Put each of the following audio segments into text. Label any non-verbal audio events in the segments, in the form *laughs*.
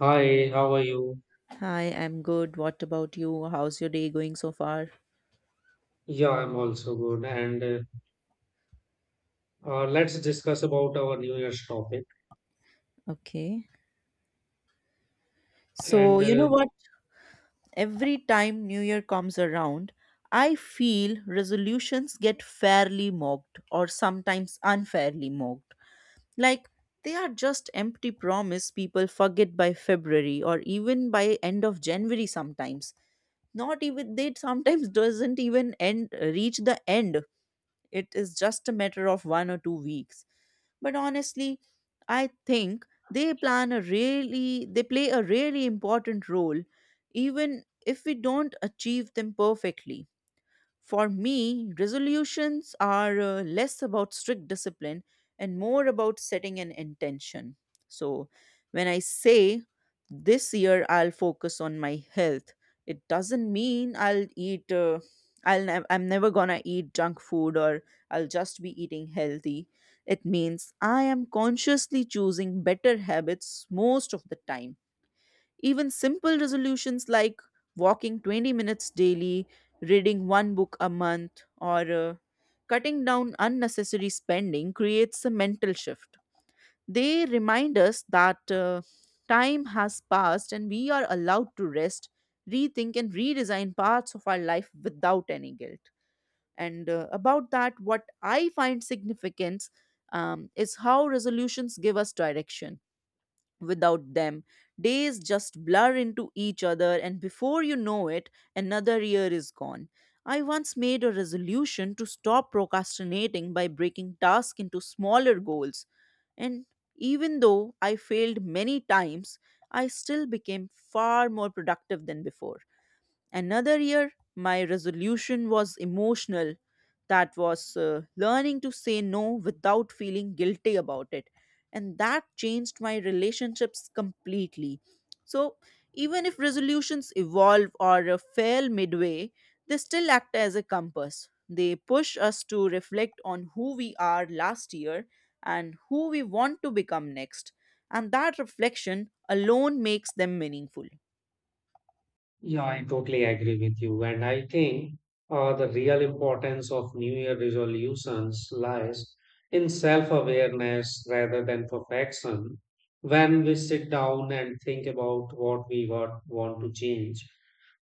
Hi, how are you? Hi, I'm good. What about you? How's your day going so far? Yeah, I'm also good. And Let's discuss about our New Year's topic. Okay. So, And you know what? Every time New Year comes around, I feel resolutions get fairly mocked or sometimes unfairly mocked. Like they are just empty promise people forget by February or even by end of January sometimes. Not even they sometimes *laughs* doesn't even end reach the end. It is just a matter of 1 or 2 weeks, but honestly, I think they plan a really they play a really important role even if we don't achieve them perfectly. For me, resolutions are less about strict discipline and more about setting an intention. So, when I say this year I'll focus on my health, it doesn't mean I'll eat, I'm never gonna eat junk food or I'll just be eating healthy. It means I am consciously choosing better habits most of the time. Even simple resolutions like walking 20 minutes daily, reading one book a month, or cutting down unnecessary spending creates a mental shift. They remind us that time has passed and we are allowed to rest, rethink, and redesign parts of our life without any guilt. And about that, what I find significant is how resolutions give us direction. Without them, days just blur into each other, and before you know it, another year is gone. I once made a resolution to stop procrastinating by breaking tasks into smaller goals, and even though I failed many times, I still became far more productive than before. Another year, my resolution was emotional. That was learning to say no without feeling guilty about it. And that changed my relationships completely. So, even if resolutions evolve or fail midway, they still act as a compass. They push us to reflect on who we are last year and who we want to become next. And that reflection alone makes them meaningful. Yeah, I totally agree with you. And I think the real importance of New Year resolutions lies in self-awareness rather than perfection. When we sit down and think about want to change,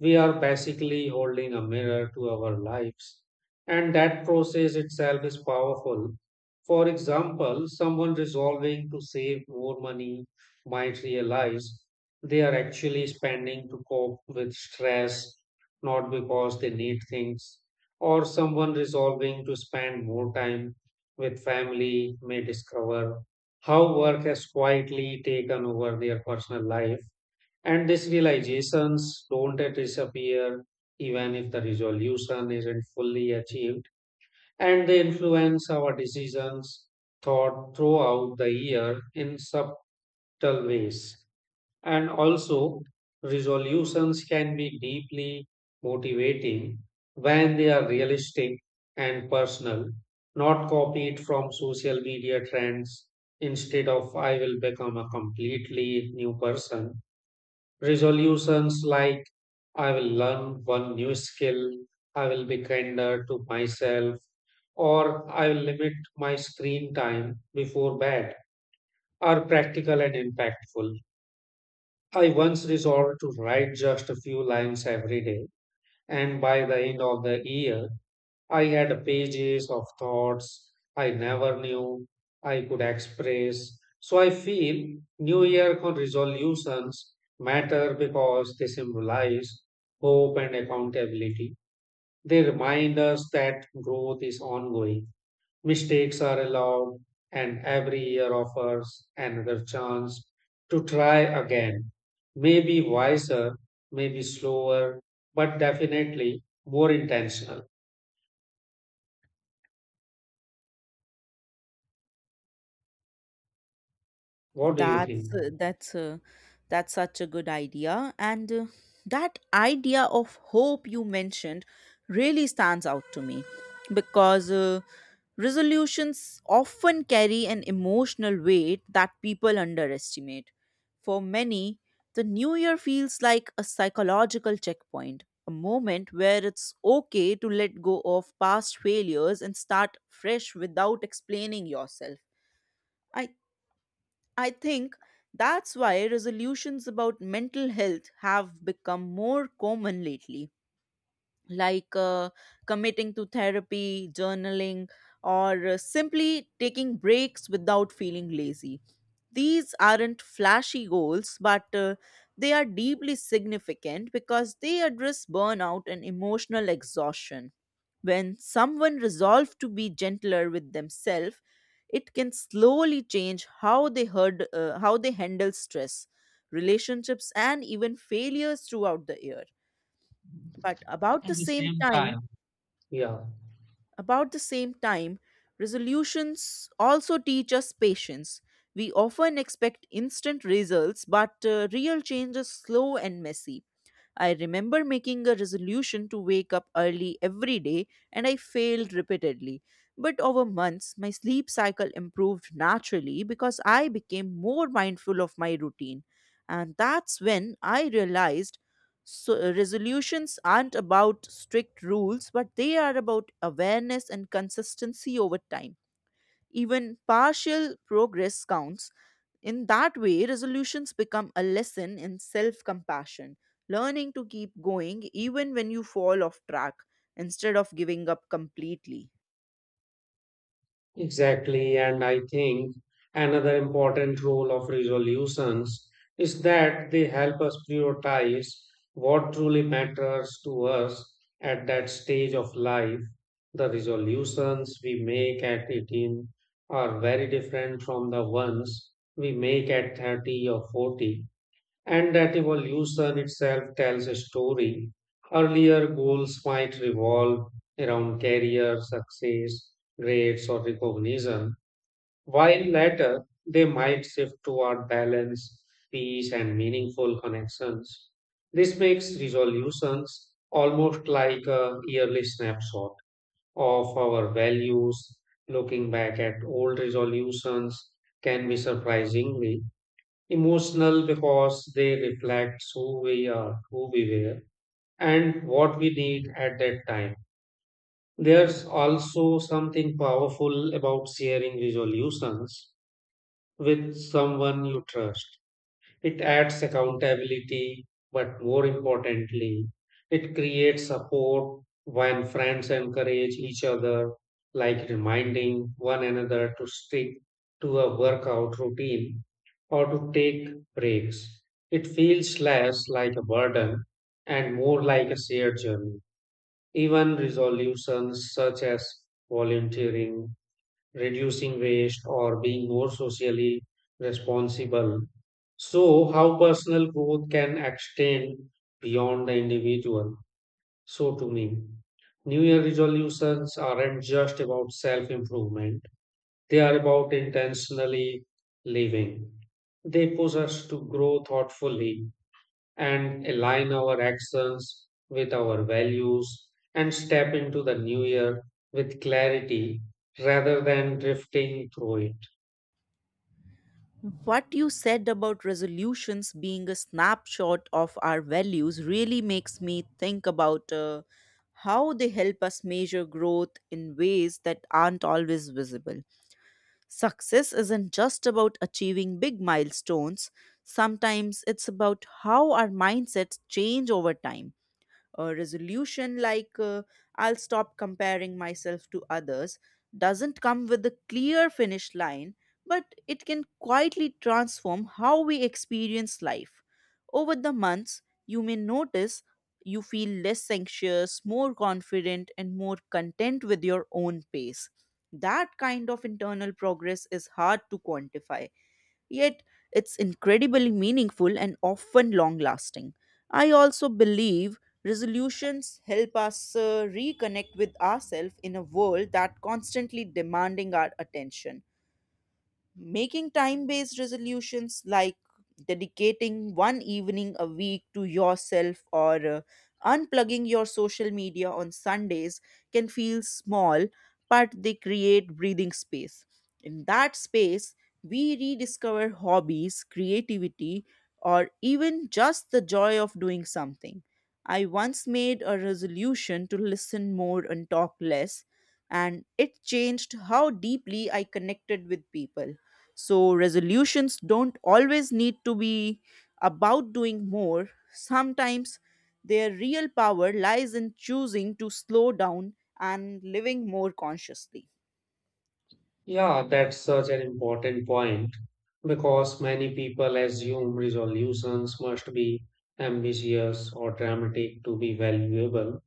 we are basically holding a mirror to our lives. And that process itself is powerful. For example, someone resolving to save more money might realize they are actually spending to cope with stress, not because they need things. Or someone resolving to spend more time with family may discover how work has quietly taken over their personal life, and these realizations don't disappear even if the resolution isn't fully achieved, and they influence our decisions thought throughout the year in subtle ways. And also, resolutions can be deeply motivating when they are realistic and personal, not copied from social media trends. Instead of "I will become a completely new person," resolutions like "I will learn one new skill," "I will be kinder to myself," or "I will limit my screen time before bed" are practical and impactful. I once resolved to write just a few lines every day, and by the end of the year, I had pages of thoughts I never knew I could express. So I feel resolutions matter because they symbolize hope and accountability. They remind us that growth is ongoing, mistakes are allowed, and every year offers another chance to try again. Maybe wiser, maybe slower, but definitely more intentional. What do you think? That's uh, that's uh, that's such a good idea, and that idea of hope you mentioned really stands out to me because resolutions often carry an emotional weight that people underestimate. For many, the new year feels like a psychological checkpoint, a moment where it's okay to let go of past failures and start fresh without explaining yourself. I I think that's why resolutions about mental health have become more common lately, like committing to therapy, journaling, or simply taking breaks without feeling lazy. These aren't flashy goals, but they are deeply significant because they address burnout and emotional exhaustion. When someone resolves to be gentler with themselves, it can slowly change how they handle stress, relationships, and even failures throughout the year. But about At the the same same time, time. Yeah, about the same time, resolutions also teach us patience. We often expect instant results, but real change is slow and messy. I remember making a resolution to wake up early every day, and I failed repeatedly. But over months, my sleep cycle improved naturally because I became more mindful of my routine. And that's when I realized, so, resolutions aren't about strict rules, but they are about awareness and consistency over time. Even partial progress counts. In that way, resolutions become a lesson in self compassion, learning to keep going even when you fall off track instead of giving up completely. exactly. And I think another important role of resolutions is that they help us prioritize what truly matters to us at that stage of life. The resolutions we make at 18 are very different from the ones we make at 30 or 40. And that evolution itself tells a story. Earlier goals might revolve around career, success, grades, or recognition, while later they might shift toward balance, peace, and meaningful connections. This makes resolutions almost like a yearly snapshot of our values. Looking back at old resolutions can be surprisingly emotional because they reflect who we are, who we were, and what we need at that time. There's also something powerful about sharing resolutions with someone you trust. It adds accountability, but more importantly, it creates support when friends encourage each other, like reminding one another to stick to a workout routine or to take breaks. It feels less like a burden and more like a shared journey. Even resolutions such as volunteering, reducing waste, or being more socially responsible. So, how personal growth can extend beyond the individual? So, to me, New Year resolutions aren't just about self improvement, they are about intentionally living. They push us to grow thoughtfully and align our actions with our values and step into the new year with clarity rather than drifting through it. What you said about resolutions being a snapshot of our values really makes me think about how they help us measure growth in ways that aren't always visible. Success isn't just about achieving big milestones, sometimes it's about how our mindsets change over time. A resolution like I'll stop comparing myself to others doesn't come with a clear finish line, but it can quietly transform how we experience life. Over the months, you may notice you feel less anxious, more confident, and more content with your own pace. That kind of internal progress is hard to quantify. Yet, it's incredibly meaningful and often long lasting. I also believe resolutions help us reconnect with ourselves in a world that constantly demanding our attention. Making time based resolutions like dedicating one evening a week to yourself or unplugging your social media on Sundays can feel small, but they create breathing space. In that space, we rediscover hobbies, creativity, or even just the joy of doing something. I once made a resolution to listen more and talk less, and it changed how deeply I connected with people. So, resolutions don't always need to be about doing more. Sometimes their real power lies in choosing to slow down and living more consciously. Yeah, that's such an important point because many people assume resolutions must be ambitious or dramatic to be valuable.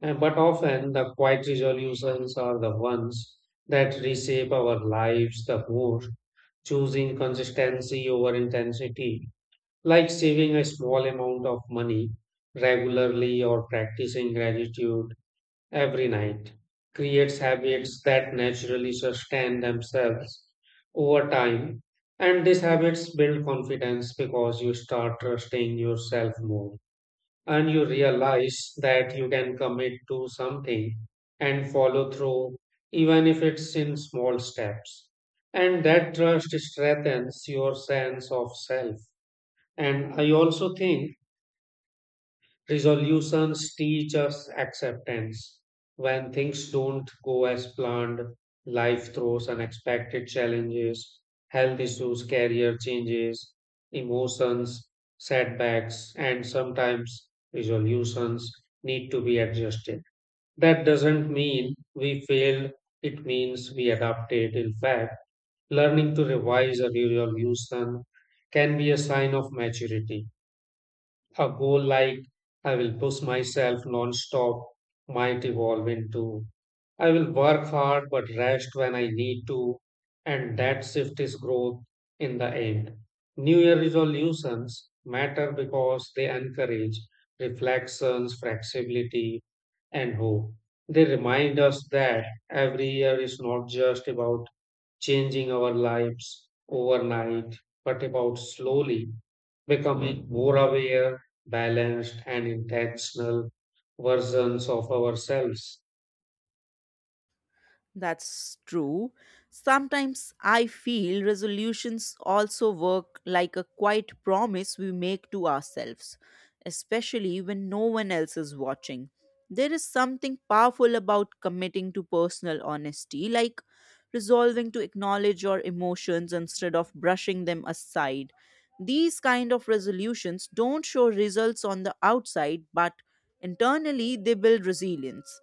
And- But often the quiet resolutions are the ones that reshape our lives the most, choosing consistency over intensity like saving a small amount of money regularly or practicing gratitude every night creates habits that naturally sustain themselves over time, and these habits build confidence because you start trusting yourself more and you realize that you can commit to something and follow through even if it's in small steps, and that trust strengthens your sense of self. And I also think resolutions teach us acceptance. When things don't go as planned, life throws unexpected challenges, health issues, career changes, emotions, setbacks, and sometimes resolutions need to be adjusted. That doesn't mean we failed, it means we adapted. In fact, learning to revise a resolution can be a sign of maturity. A goal like "I will push myself non-stop" might evolve into "I will work hard but rest when I need to," and that shift is growth. In the end, New Year resolutions matter because they encourage reflections, flexibility, and hope. They remind us that every year is not just about changing our lives overnight, but about slowly becoming more aware, balanced, and intentional versions of ourselves. That's true. Sometimes I feel resolutions also work like a quiet promise we make to ourselves, especially when no one else is watching. There is something powerful about committing to personal honesty, like resolving to acknowledge your emotions instead of brushing them aside. These kind of resolutions don't show results on the outside, but internally they build resilience.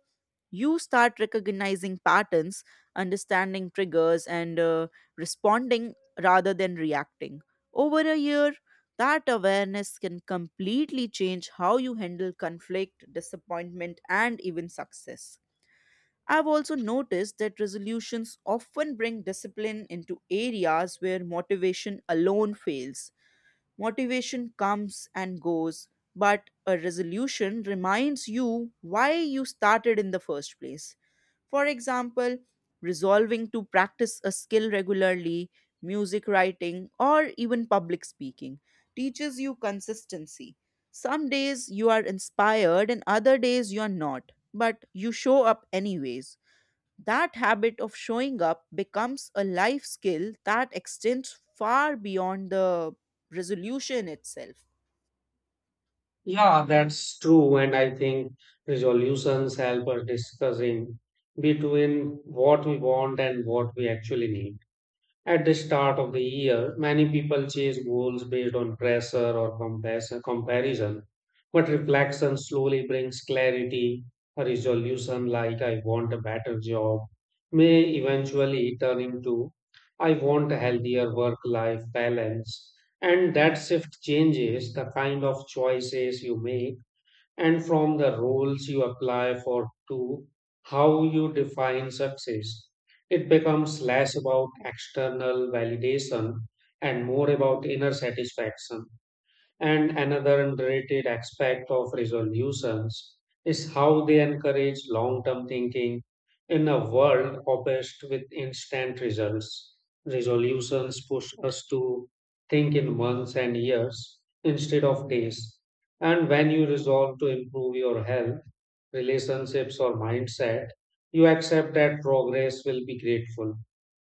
You start recognizing patterns, understanding triggers, and responding rather than reacting. Over a year, that awareness can completely change how you handle conflict, disappointment, and even success. I've also noticed that resolutions often bring discipline into areas where motivation alone fails. Motivation comes and goes, but a resolution reminds you why you started in the first place. For example, resolving to practice a skill regularly, music writing, or even public speaking teaches you consistency. Some days you are inspired and other days you are not, but you show up anyways. That habit of showing up becomes a life skill that extends far beyond the resolution itself. Yeah, that's true. And I think resolutions help us discussing between what we want and what we actually need. At the start of the year, many people chase goals based on pressure or comparison, but reflection slowly brings clarity. A resolution like "I want a better job" may eventually turn into "I want a healthier work life balance." And that shift changes the kind of choices you make and from the rules you apply for to how you define success. It becomes less about external validation and more about inner satisfaction. And another underrated aspect of resolutions is how they encourage long term thinking. In a world obsessed with instant results, resolutions push us to think in months and years instead of days. And when you resolve to improve your health, relationships, or mindset, you accept that progress will be grateful,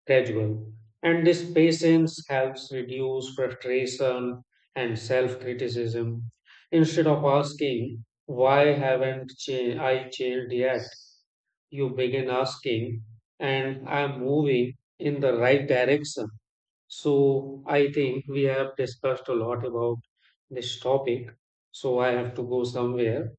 gradual. And this patience helps reduce frustration and self criticism. Instead of asking, "Why haven't cha- I changed yet?" you begin asking, and I'm moving in the right direction. So, I think we have discussed a lot about this topic. So, I have to go somewhere.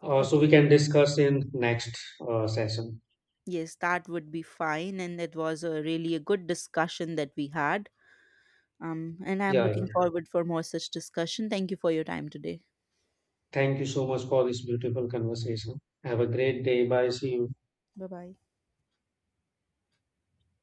So, we Okay. can discuss in next session. Yes, that would be fine. And it was a really a good discussion that we had. And I'm Yeah, yeah. looking forward for more such discussion. Thank you for your time today. Thank you so much for this beautiful conversation. Have a great day. Bye. See you. Bye bye.